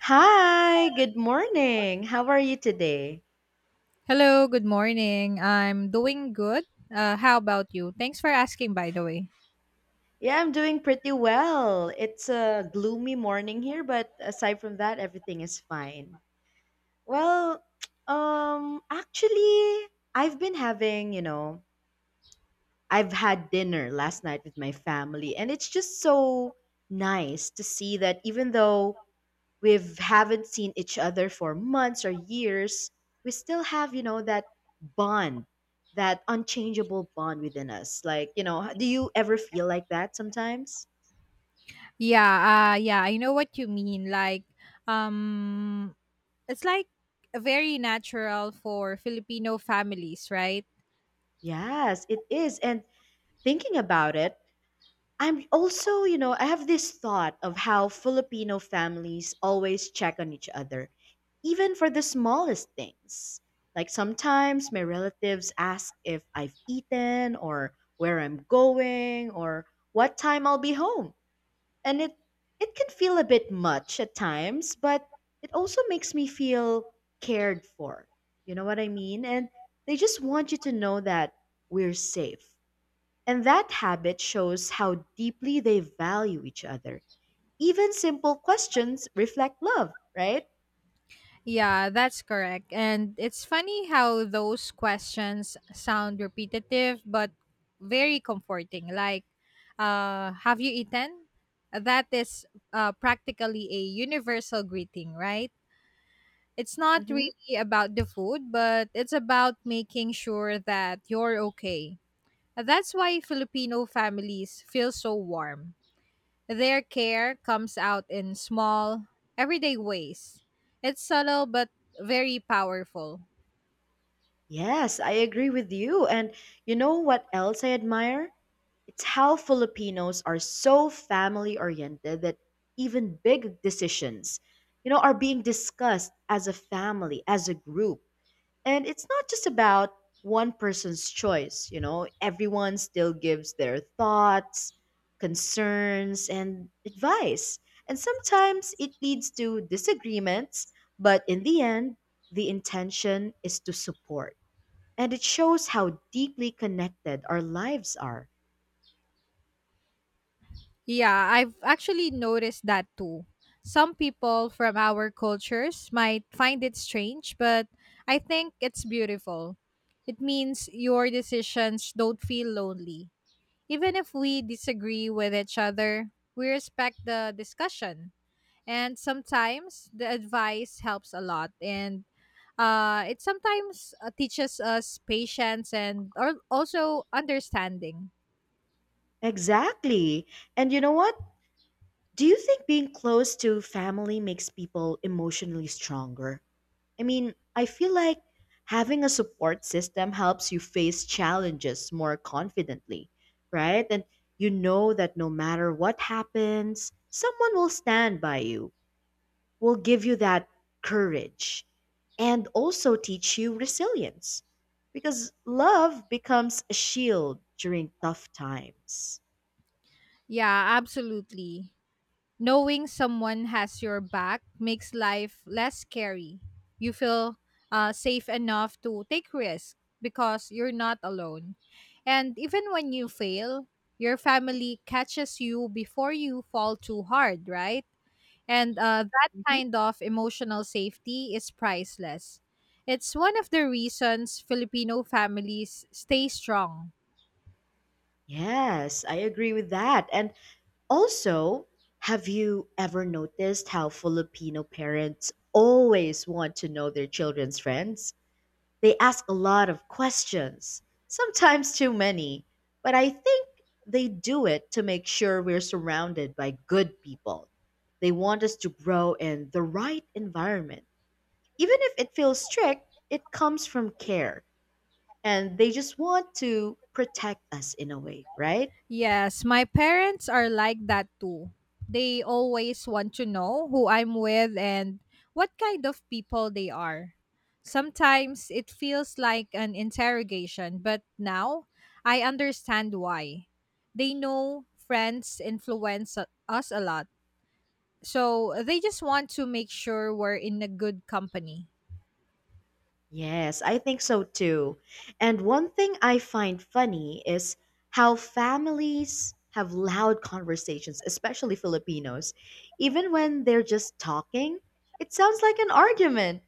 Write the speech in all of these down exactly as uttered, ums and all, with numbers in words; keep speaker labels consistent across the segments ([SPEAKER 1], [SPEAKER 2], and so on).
[SPEAKER 1] Hi, good morning. How are you today?
[SPEAKER 2] Hello, good morning. I'm doing good. Uh, how about you? Thanks for asking, by the way.
[SPEAKER 1] Yeah, I'm doing pretty well. It's a gloomy morning here, but aside from that, everything is fine. Well, um, actually, I've been having, you know, I've had dinner last night with my family, and it's just so nice to see that even though we haven't seen each other for months or years, we still have, you know, that bond, that unchangeable bond within us. Like, you know, do you ever feel like that sometimes?
[SPEAKER 2] Yeah, uh, yeah, I know what you mean. Like, um, it's like very natural for Filipino families, right?
[SPEAKER 1] Yes, it is. And thinking about it, I'm also, you know, I have this thought of how Filipino families always check on each other, even for the smallest things. Like sometimes my relatives ask if I've eaten or where I'm going or what time I'll be home. And it it can feel a bit much at times, but it also makes me feel cared for. You know what I mean? And they just want you to know that we're safe. And that habit shows how deeply they value each other. Even simple questions reflect love, right?
[SPEAKER 2] Yeah, that's correct. And it's funny how those questions sound repetitive but very comforting. Like, uh, have you eaten? That is uh, practically a universal greeting, right? It's not
[SPEAKER 1] Hmm.
[SPEAKER 2] really about the food, but it's about making sure that you're okay. That's why Filipino families feel so warm. Their care comes out in small, everyday ways. It's subtle but very powerful.
[SPEAKER 1] Yes, I agree with you. And you know what else I admire? It's how Filipinos are so family oriented that even big decisions, you know, are being discussed as a family, as a group. And it's not just about one person's choice, you know, everyone still gives their thoughts, concerns, and advice. And sometimes it leads to disagreements, but in the end, the intention is to support. And it shows how deeply connected our lives are.
[SPEAKER 2] Yeah, I've actually noticed that too. Some people from our cultures might find it strange, but I think it's beautiful. It means your decisions don't feel lonely. Even if we disagree with each other, we respect the discussion. And sometimes the advice helps a lot. And uh, it sometimes uh, teaches us patience and or also understanding.
[SPEAKER 1] Exactly. And you know what? Do you think being close to family makes people emotionally stronger? I mean, I feel like having a support system helps you face challenges more confidently, right? And you know that no matter what happens, someone will stand by you, will give you that courage, and also teach you resilience. Because love becomes a shield during tough times.
[SPEAKER 2] Yeah, absolutely. Knowing someone has your back makes life less scary. You feel uh, safe enough to take risks because you're not alone. And even when you fail, your family catches you before you fall too hard, right? And uh, that
[SPEAKER 1] Mhm.
[SPEAKER 2] kind of emotional safety is priceless. It's one of the reasons Filipino families stay strong.
[SPEAKER 1] Yes, I agree with that. And Also, have you ever noticed how Filipino parents always want to know their children's friends? They ask a lot of questions, sometimes too many, but I think they do it to make sure we're surrounded by good people. They want us to grow in the right environment. Even if it feels strict, it comes from care, and they just want to protect us in a way, right?
[SPEAKER 2] Yes, my parents are like that too. They always want to know who I'm with and what kind of people they are. Sometimes it feels like an interrogation, but now I understand why. They know friends influence u- us a lot, so they just want to make sure we're in a good company.
[SPEAKER 1] Yes, I think so too. And one thing I find funny is how families have loud conversations, especially Filipinos. Even when they're just talking, it sounds like an argument,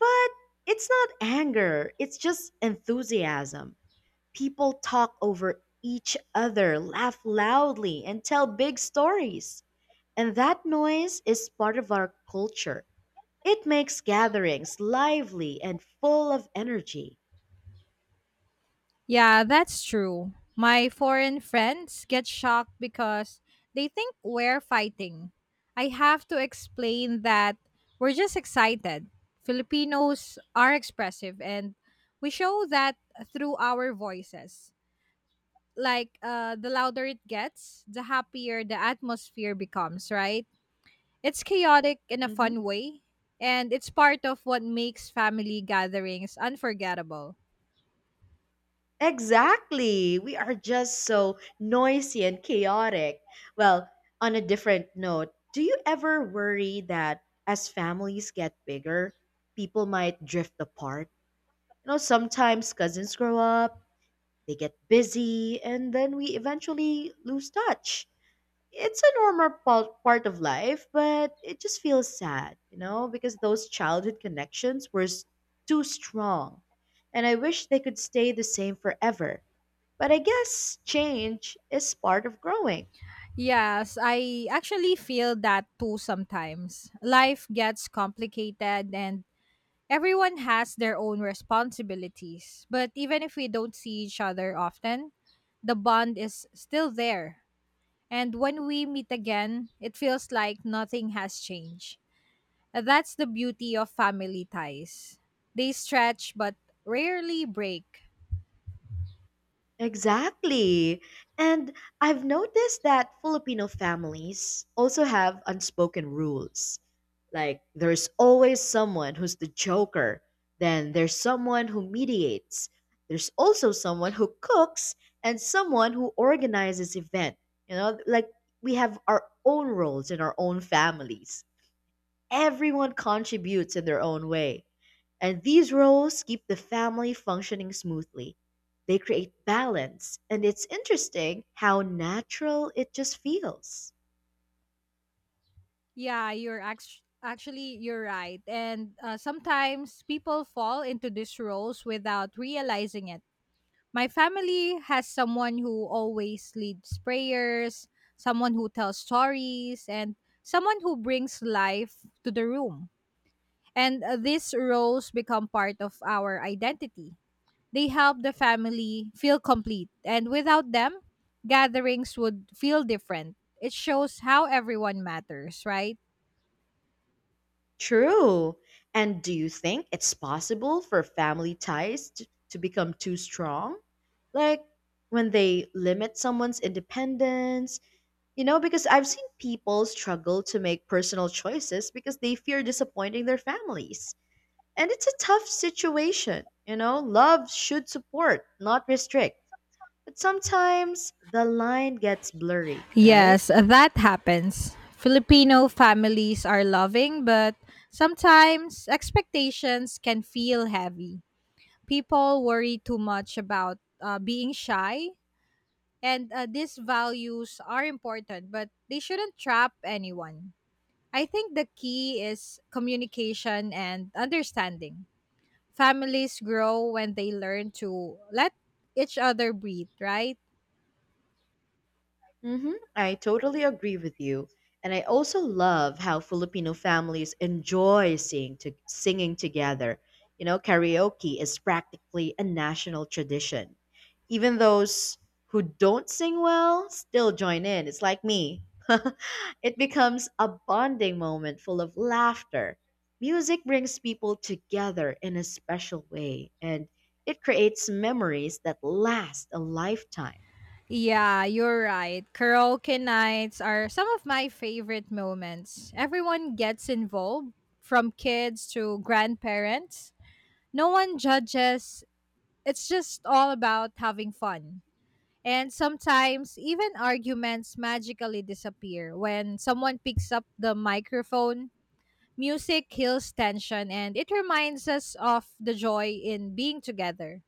[SPEAKER 1] but it's not anger, it's just enthusiasm. People talk over each other, laugh loudly, and tell big stories. And that noise is part of our culture. It makes gatherings lively and full of energy.
[SPEAKER 2] Yeah, that's true. My foreign friends get shocked because they think we're fighting. I have to explain that we're just excited. Filipinos are expressive and we show that through our voices. Like uh, the louder it gets, the happier the atmosphere becomes, right? It's chaotic in a
[SPEAKER 1] Hmm.
[SPEAKER 2] fun way, and it's part of what makes family gatherings unforgettable.
[SPEAKER 1] Exactly. We are just so noisy and chaotic. Well, on a different note, do you ever worry that as families get bigger, people might drift apart? You know, sometimes cousins grow up, they get busy, and then we eventually lose touch. It's a normal pal- part of life, but it just feels sad, you know, because those childhood connections were s- too strong. And I wish they could stay the same forever. But I guess change is part of growing.
[SPEAKER 2] Yes, I actually feel that too sometimes. Life gets complicated, and everyone has their own responsibilities, but even if we don't see each other often, the bond is still there. And when we meet again, it feels like nothing has changed. That's the beauty of family ties. They stretch but rarely break.
[SPEAKER 1] Exactly. And I've noticed that Filipino families also have unspoken rules. Like, there's always someone who's the joker, then there's someone who mediates, there's also someone who cooks, and someone who organizes event. You know, like we have our own roles in our own families. Everyone contributes in their own way, and these roles keep the family functioning smoothly. They create balance, and it's interesting how natural it just feels.
[SPEAKER 2] Yeah, you're act- actually you're right. And uh, sometimes people fall into these roles without realizing it. My family has someone who always leads prayers, someone who tells stories, and someone who brings life to the room. And uh, these roles become part of our identity. They help the family feel complete, and without them, gatherings would feel different. It shows how everyone matters, right?
[SPEAKER 1] True. And do you think it's possible for family ties t- to become too strong? Like when they limit someone's independence? You know, because I've seen people struggle to make personal choices because they fear disappointing their families. And it's a tough situation. You know, love should support, not restrict. But sometimes the line gets blurry, right?
[SPEAKER 2] Yes, that happens. Filipino families are loving, but sometimes expectations can feel heavy. People worry too much about uh, being shy, and uh, these values are important, but they shouldn't trap anyone. I think the key is communication and understanding. Families grow when they learn to let each other breathe, right?
[SPEAKER 1] Hmm. I totally agree with you. And I also love how Filipino families enjoy seeing to, singing together. You know, karaoke is practically a national tradition. Even those who don't sing well still join in. It's like me. It becomes a bonding moment full of laughter. Music brings people together in a special way, and it creates memories that last a lifetime.
[SPEAKER 2] Yeah, you're right. Karaoke nights are some of my favorite moments. Everyone gets involved, from kids to grandparents. No one judges. It's just all about having fun. And sometimes even arguments magically disappear when someone picks up the microphone. Music heals tension and it reminds us of the joy in being together.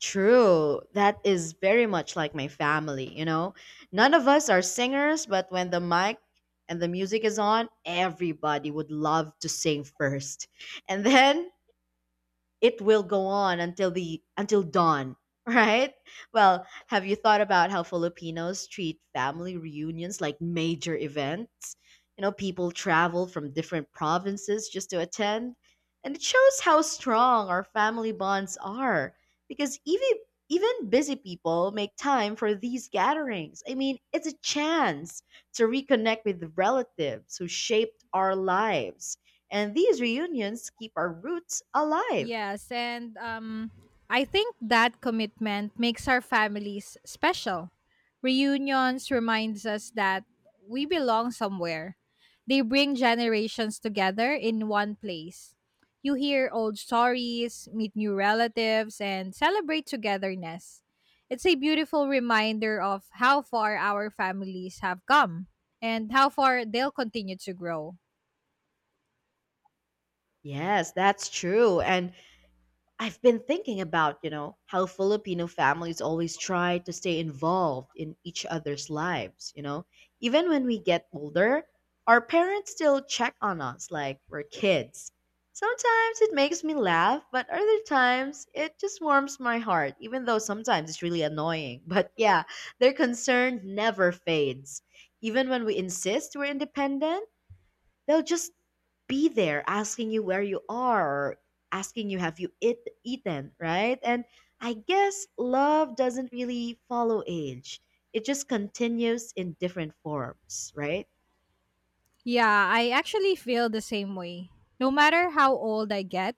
[SPEAKER 1] True. That is very much like my family, you know? None of us are singers, but when the mic and the music is on, everybody would love to sing first. And then it will go on until the until dawn, right? Well, have you thought about how Filipinos treat family reunions like major events? You know, people travel from different provinces just to attend, and it shows how strong our family bonds are because even even busy people make time for these gatherings. I mean, it's a chance to reconnect with relatives who shaped our lives. And these reunions keep our roots alive.
[SPEAKER 2] Yes, and um, I think that commitment makes our families special. Reunions reminds us that we belong somewhere. They bring generations together in one place. You hear old stories, meet new relatives, and celebrate togetherness. It's a beautiful reminder of how far our families have come and how far they'll continue to grow.
[SPEAKER 1] Yes, that's true. And I've been thinking about, you know, how Filipino families always try to stay involved in each other's lives, you know. Even when we get older, our parents still check on us like we're kids. Sometimes it makes me laugh, but other times it just warms my heart, even though sometimes it's really annoying. But yeah, their concern never fades. Even when we insist we're independent, They'll just be there asking you where you are, or asking you have you eat, eaten, right? And I guess love doesn't really follow age. It just continues in different forms, right?
[SPEAKER 2] Yeah, I actually feel the same way. No matter how old I get,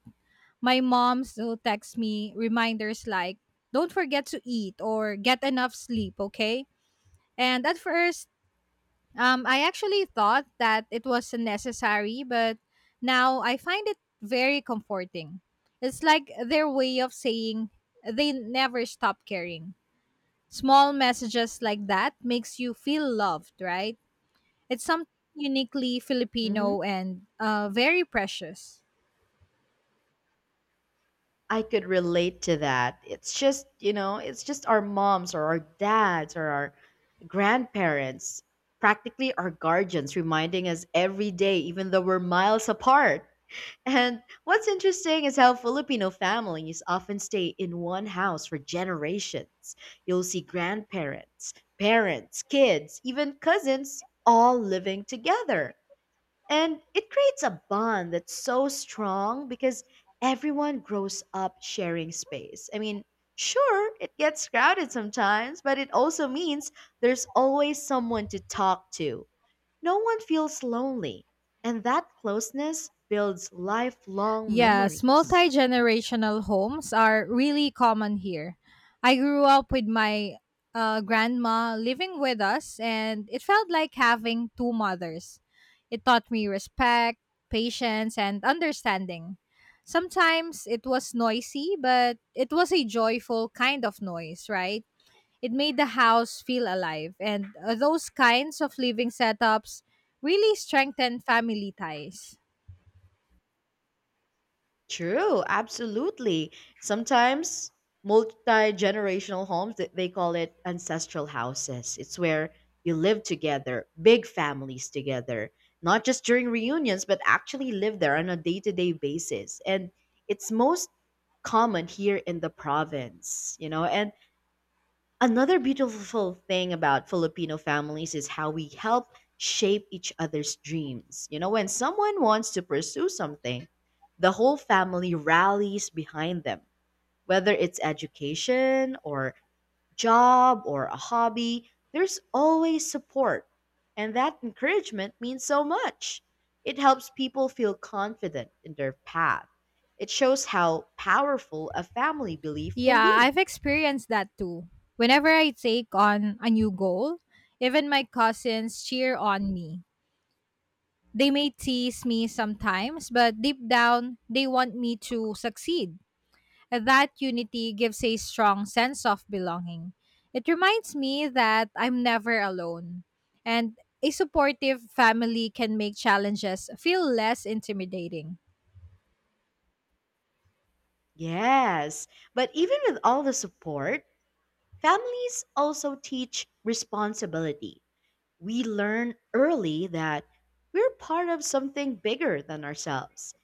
[SPEAKER 2] my mom still texts me reminders like, don't forget to eat or get enough sleep, okay? And at first, um, I actually thought that it was unnecessary, but now I find it very comforting. It's like their way of saying they never stop caring. Small messages like that makes you feel loved, right? It's something uniquely
[SPEAKER 1] Mm-hmm.
[SPEAKER 2] Filipino and uh, very precious.
[SPEAKER 1] I could relate to that. It's just, you know, it's just our moms or our dads or our grandparents, practically our guardians, reminding us every day, even though we're miles apart. And what's interesting is how Filipino families often stay in one house for generations. You'll see grandparents, parents, kids, even cousins all living together. And it creates a bond that's so strong because everyone grows up sharing space. I mean, sure, it gets crowded sometimes, but it also means there's always someone to talk to. No one feels lonely. And that closeness builds lifelong
[SPEAKER 2] Yes,
[SPEAKER 1] memories.
[SPEAKER 2] multi generational homes are really common here. I grew up with my uh, grandma living with us, and it felt like having two mothers. It taught me respect, patience, and understanding. Sometimes it was noisy, but it was a joyful kind of noise, right? It made the house feel alive, and uh, those kinds of living setups really strengthen family ties.
[SPEAKER 1] True, absolutely. Sometimes multi-generational homes, th- they call it ancestral houses. It's where you live together, big families together, not just during reunions, but actually live there on a day-to-day basis. And it's most common here in the province, you know. And Another beautiful thing about Filipino families is how we help shape each other's dreams. You know, when someone wants to pursue something, the whole family rallies behind them. Whether it's education or job or a hobby, there's always support. And that encouragement means so much. It helps people feel confident in their path. It shows how powerful a family belief
[SPEAKER 2] Yeah,
[SPEAKER 1] can be.
[SPEAKER 2] I've experienced that too. Whenever I take on a new goal, even my cousins cheer on me. They may tease me sometimes, but deep down, they want me to succeed. That unity gives a strong sense of belonging. It reminds me that I'm never alone. And a supportive family can make challenges feel less intimidating.
[SPEAKER 1] Yes, but even with all the support, families also teach responsibility. We learn early that we're part of something bigger than ourselves.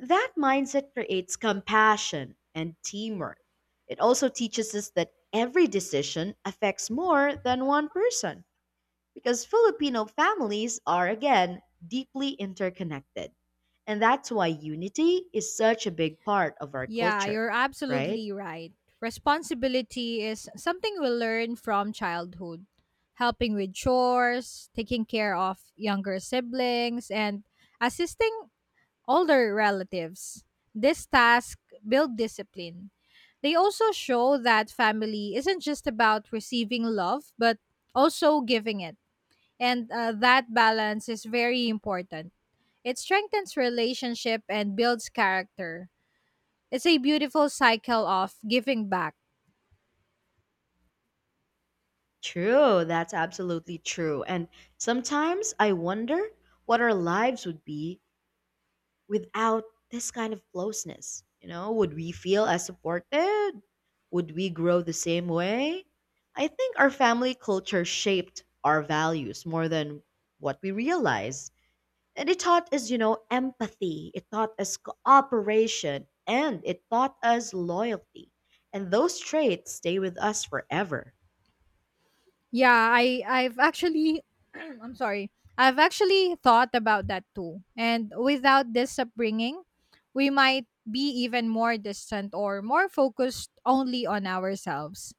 [SPEAKER 1] That mindset creates compassion and teamwork. It also teaches us that every decision affects more than one person because Filipino families are, again, deeply interconnected. And that's why unity is such a big part of our
[SPEAKER 2] Yeah,
[SPEAKER 1] culture,
[SPEAKER 2] you're
[SPEAKER 1] right?
[SPEAKER 2] absolutely right. Responsibility is something we learn from childhood. Helping with chores, taking care of younger siblings, and assisting older relatives. This task build discipline. They also show that family isn't just about receiving love, but also giving it. And uh, that balance is very important. It strengthens relationship and builds character. It's a beautiful cycle of giving back.
[SPEAKER 1] True, that's absolutely true. And sometimes I wonder what our lives would be without this kind of closeness. You know, would we feel as supported? Would we grow the same way? I think our family culture shaped our values more than what we realize. And it taught us, you know, empathy, it taught us cooperation, and it taught us loyalty. And those traits stay with us forever.
[SPEAKER 2] Yeah, I I've actually I'm sorry. I've actually thought about that too. And without this upbringing, we might be even more distant or more focused only on ourselves.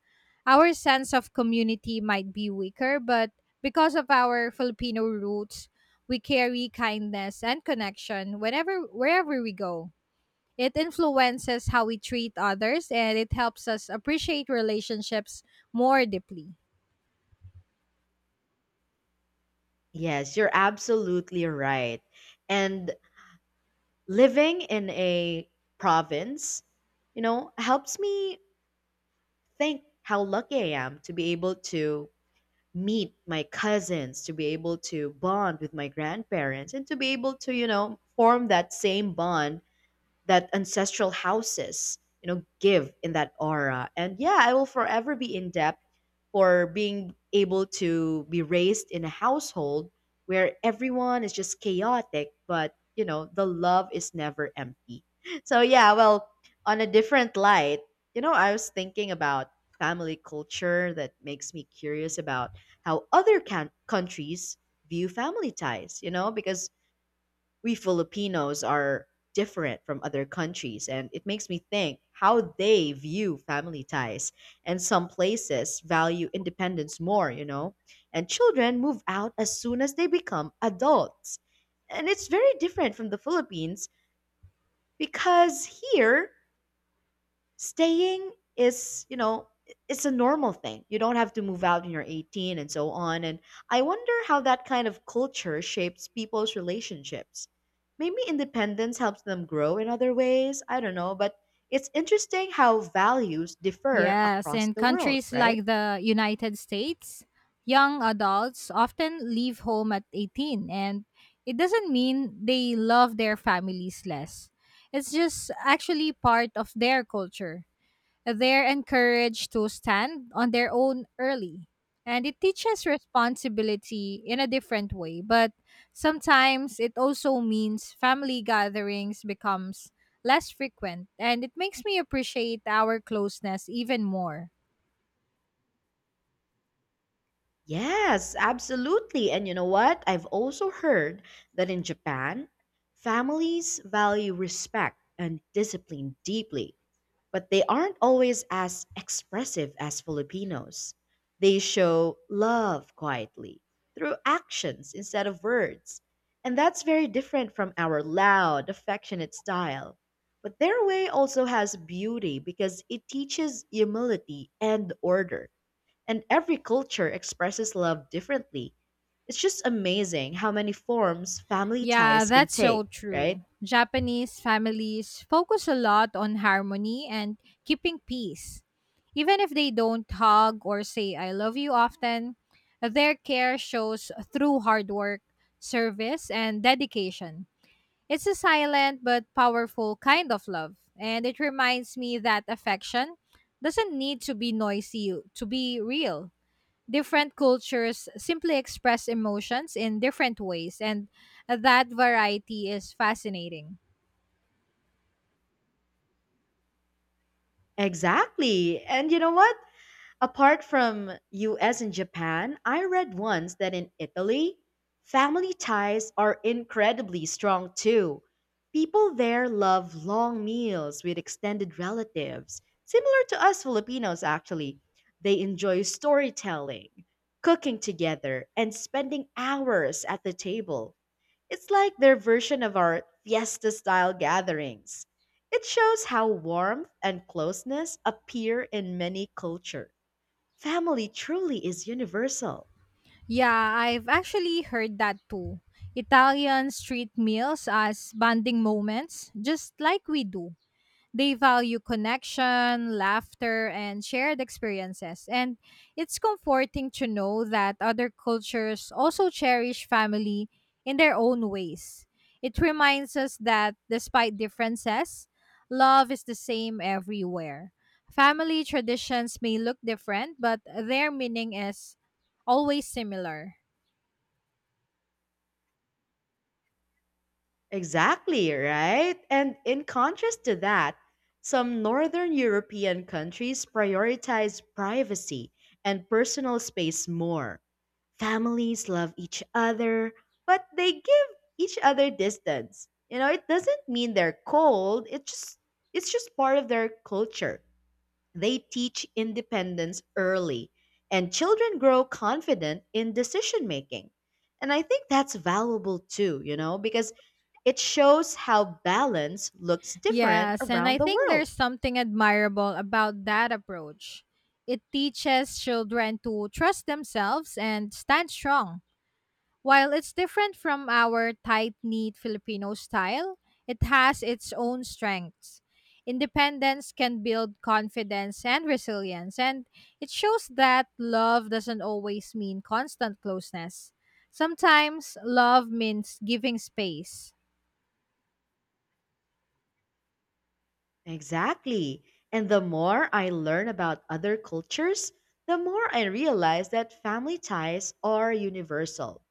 [SPEAKER 2] Our sense of community might be weaker, but because of our Filipino roots, we carry kindness and connection whenever wherever we go. It influences how we treat others and it helps us appreciate relationships more deeply.
[SPEAKER 1] Yes, you're absolutely right. And living in a province, you know, helps me think how lucky I am to be able to meet my cousins, to be able to bond with my grandparents, and to be able to, you know, form that same bond that ancestral houses, you know, give in that aura. And yeah, I will forever be in debt for being able to be raised in a household where everyone is just chaotic, but you know, the love is never empty. So yeah, well, on a different light, you know, I was thinking about family culture that makes me curious about how other can- countries view family ties, you know, because we Filipinos are different from other countries, and it makes me think how they view family ties. And some places value independence more, you know, and children move out as soon as they become adults. And it's very different from the Philippines because here Staying is, you know, it's a normal thing. You don't have to move out when you're eighteen and so on. And I wonder how that kind of culture shapes people's relationships. Maybe independence helps them grow in other ways. I don't know. But it's interesting how values differ
[SPEAKER 2] Yes,
[SPEAKER 1] across
[SPEAKER 2] in
[SPEAKER 1] the world,
[SPEAKER 2] countries
[SPEAKER 1] right?
[SPEAKER 2] like the United States, young adults often leave home at eighteen, and it doesn't mean they love their families less. It's just actually part of their culture. They're encouraged to stand on their own early. And it teaches responsibility in a different way, but sometimes it also means family gatherings becomes less frequent and it makes me appreciate our closeness even more.
[SPEAKER 1] Yes, absolutely. And you know what? I've also heard that in Japan, families value respect and discipline deeply. but they aren't always as expressive as Filipinos. They show love quietly through actions instead of words. And that's very different from our loud, affectionate style. But their way also has beauty because it teaches humility and order. And every culture expresses love differently. It's just amazing how many forms family
[SPEAKER 2] Yeah,
[SPEAKER 1] ties can
[SPEAKER 2] that's so
[SPEAKER 1] take, right?
[SPEAKER 2] true. Japanese families focus a lot on harmony and keeping peace. Even if they don't hug or say I love you often, their care shows through hard work, service, and dedication. It's a silent but powerful kind of love, and it reminds me that affection doesn't need to be noisy to be real. Different cultures simply express emotions in different ways, and that variety is fascinating.
[SPEAKER 1] Exactly. And you know what? Apart from U S and Japan, I read once that in Italy, family ties are incredibly strong too. People there love long meals with extended relatives, similar to us Filipinos actually. They enjoy storytelling, cooking together, and spending hours at the table. It's like their version of our fiesta style gatherings. It shows how warmth and closeness appear in many cultures. Family truly is universal.
[SPEAKER 2] Yeah, I've actually heard that too. Italians treat meals as bonding moments, just like we do. They value connection, laughter, and shared experiences. And it's comforting to know that other cultures also cherish family in their own ways. It reminds us that despite differences, love is the same everywhere. Family traditions may look different, but their meaning is always similar.
[SPEAKER 1] Exactly, right? And in contrast to that, some Northern European countries prioritize privacy and personal space more. Families love each other, but they give each other distance. You know, it doesn't mean they're cold, it just it's just part of their culture. They teach independence early, and children grow confident in decision making. And I think that's valuable too, you know, because it shows how balance looks different
[SPEAKER 2] Yes, and I
[SPEAKER 1] around the
[SPEAKER 2] think there's
[SPEAKER 1] world.
[SPEAKER 2] something admirable about that approach. It teaches children to trust themselves and stand strong. While it's different from our tight knit Filipino style, it has its own strengths. Independence can build confidence and resilience, and it shows that love doesn't always mean constant closeness. Sometimes love means giving space.
[SPEAKER 1] Exactly. And the more I learn about other cultures, the more I realize that family ties are universal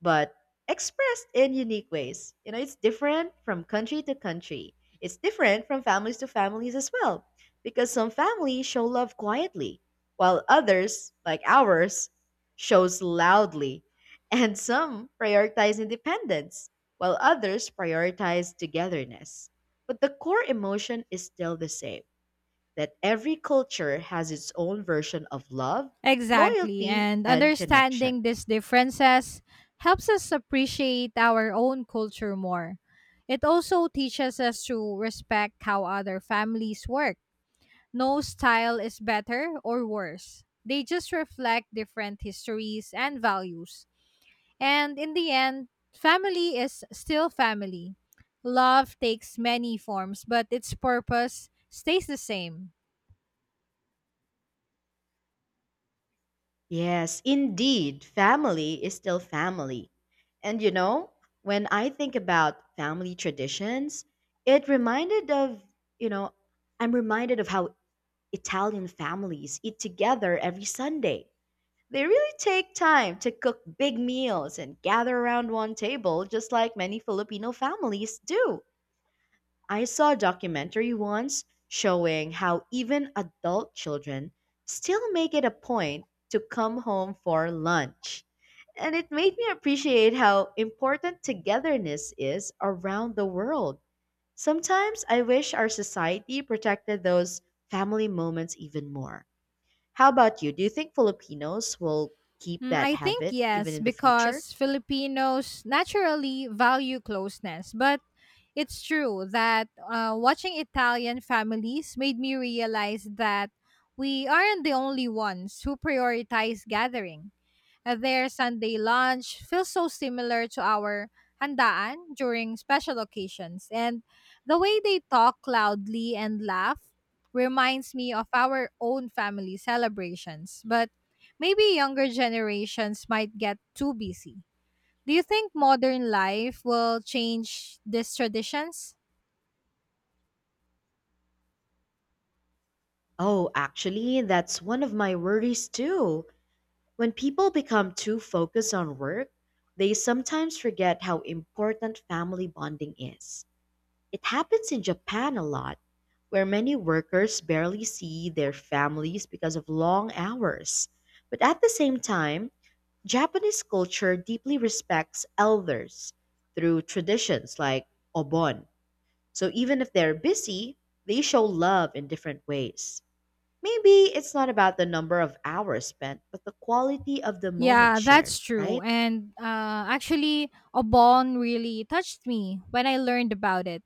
[SPEAKER 1] but expressed in unique ways. You know, it's different from country to country. It's different from families to families as well, because some families show love quietly, while others, like ours, shows loudly, and some prioritize independence, while others prioritize togetherness. But the core emotion is still the same that every culture has its own version of love,
[SPEAKER 2] Exactly.
[SPEAKER 1] loyalty,
[SPEAKER 2] And
[SPEAKER 1] and connection.
[SPEAKER 2] understanding these differences helps us appreciate our own culture more. It also teaches us to respect how other families work. No style is better or worse, they just reflect different histories and values. And in the end, family is still family. Love takes many forms, but its purpose stays the same.
[SPEAKER 1] Yes, indeed, family is still family. And you know, when I think about family traditions, it reminded of, you know, I'm reminded of how Italian families eat together every Sunday. They really take time to cook big meals and gather around one table, just like many Filipino families do. I saw a documentary once showing how even adult children still make it a point to come home for lunch. And it made me appreciate how important togetherness is around the world. Sometimes I wish our society protected those family moments even more. How about you? Do you think Filipinos will keep
[SPEAKER 2] Mm,
[SPEAKER 1] that
[SPEAKER 2] I think
[SPEAKER 1] habit even
[SPEAKER 2] yes,
[SPEAKER 1] in the future?
[SPEAKER 2] because Filipinos naturally value closeness. But it's true that uh, watching Italian families made me realize that we aren't the only ones who prioritize gathering. Their Sunday lunch feels so similar to our handaan during special occasions, and the way they talk loudly and laugh reminds me of our own family celebrations. But maybe younger generations might get too busy. Do you think modern life will change these traditions?
[SPEAKER 1] Oh, actually, that's one of my worries too. When people become too focused on work, they sometimes forget how important family bonding is. It happens in Japan a lot, where many workers barely see their families because of long hours. But at the same time, Japanese culture deeply respects elders through traditions like obon. So even if they're busy, they show love in different ways. Maybe it's not about the number of hours spent, but the quality of the moment
[SPEAKER 2] Yeah,
[SPEAKER 1] shared,
[SPEAKER 2] that's true.
[SPEAKER 1] right?
[SPEAKER 2] And uh, actually, Obon really touched me when I learned about it.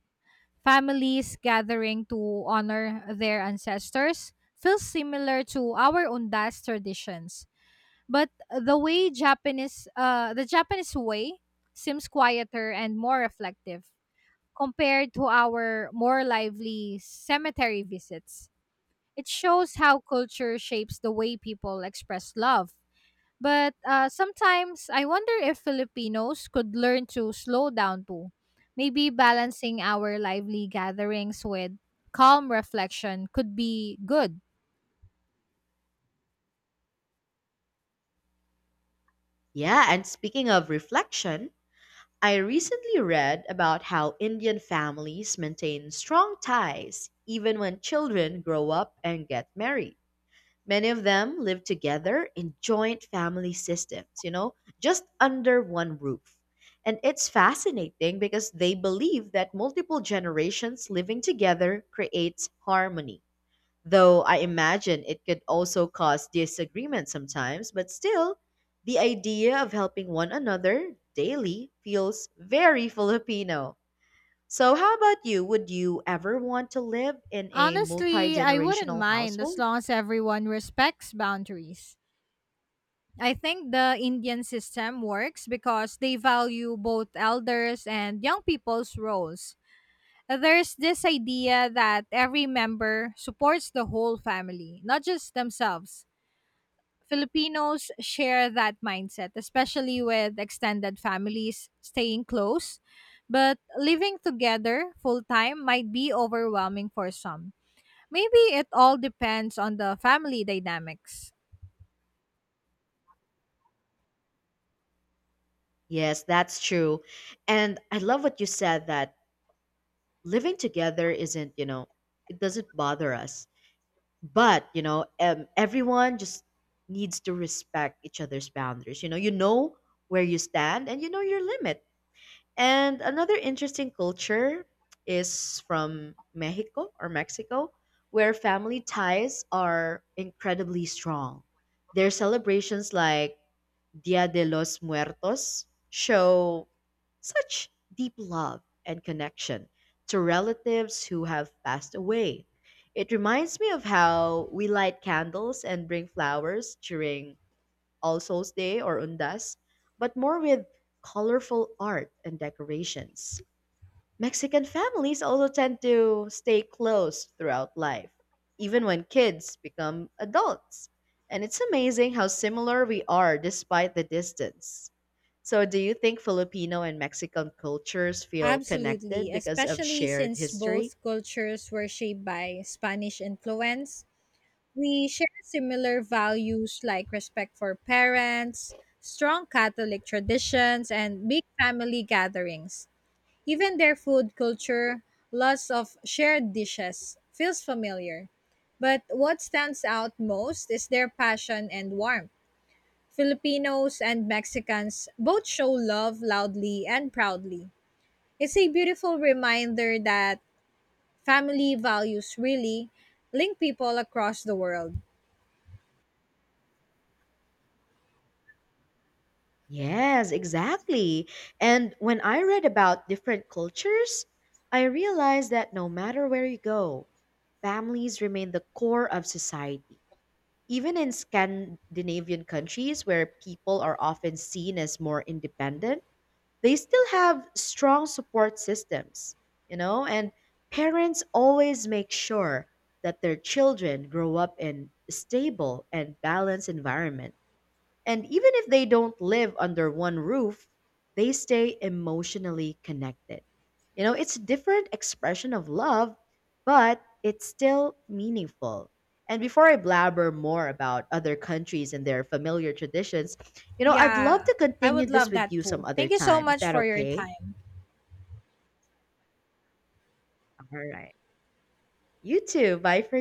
[SPEAKER 2] Families gathering to honor their ancestors feels similar to our Undas traditions, but the way Japanese uh, the Japanese way seems quieter and more reflective compared to our more lively cemetery visits. It shows how culture shapes the way people express love, but uh, sometimes I wonder if Filipinos could learn to slow down too, maybe balancing our lively gatherings with calm reflection could be good.
[SPEAKER 1] Yeah, and speaking of reflection, I recently read about how Indian families maintain strong ties even when children grow up and get married. Many of them live together in joint family systems, you know, just under one roof. And it's fascinating because they believe that multiple generations living together creates harmony. Though I imagine it could also cause disagreement sometimes, but still, the idea of helping one another daily feels very Filipino. So, how about you? Would you ever want to live in a multi
[SPEAKER 2] Honestly, I wouldn't
[SPEAKER 1] generational
[SPEAKER 2] mind as
[SPEAKER 1] household?
[SPEAKER 2] long as everyone respects boundaries. I think the Indian system works because they value both elders and young people's roles. There's this idea that every member supports the whole family, not just themselves. Filipinos share that mindset, especially with extended families staying close. But living together full time might be overwhelming for some. Maybe it all depends on the family dynamics.
[SPEAKER 1] Yes, that's true. And I love what you said that living together isn't, you know, it doesn't bother us, but you know, um, everyone just needs to respect each other's boundaries, you know, you know where you stand and you know your limit. And another interesting culture is from Mexico or Mexico, where family ties are incredibly strong. Their celebrations like Dia de los Muertos show such deep love and connection to relatives who have passed away. It reminds me of how we light candles and bring flowers during All Souls Day or Undas, but more with colorful art and decorations. Mexican families also tend to stay close throughout life, even when kids become adults. And it's amazing how similar we are despite the distance. So, do you think Filipino and Mexican cultures feel
[SPEAKER 2] Absolutely,
[SPEAKER 1] connected because of
[SPEAKER 2] especially
[SPEAKER 1] shared
[SPEAKER 2] since
[SPEAKER 1] history?
[SPEAKER 2] both cultures were shaped by Spanish influence. We share similar values like respect for parents, strong Catholic traditions, and big family gatherings. Even their food culture, lots of shared dishes, feels familiar. But what stands out most is their passion and warmth. Filipinos and Mexicans both show love loudly and proudly. It's a beautiful reminder that family values really link people across the world.
[SPEAKER 1] Yes, exactly. And when I read about different cultures, I realized that no matter where you go, families remain the core of society. Even in Scandinavian countries where people are often seen as more independent, they still have strong support systems, you know, and parents always make sure that their children grow up in a stable and balanced environment. And even if they don't live under one roof, they stay emotionally connected. You know, it's a different expression of love, but it's still meaningful. And before I blabber more about other countries and their familiar traditions, you know, I'd love
[SPEAKER 2] Yeah,
[SPEAKER 1] to
[SPEAKER 2] I
[SPEAKER 1] continue
[SPEAKER 2] would
[SPEAKER 1] this
[SPEAKER 2] love
[SPEAKER 1] with
[SPEAKER 2] that
[SPEAKER 1] you
[SPEAKER 2] too.
[SPEAKER 1] some other
[SPEAKER 2] Thank you so
[SPEAKER 1] time. Is
[SPEAKER 2] much
[SPEAKER 1] that
[SPEAKER 2] for your
[SPEAKER 1] okay?
[SPEAKER 2] time.
[SPEAKER 1] All right. You too. Bye for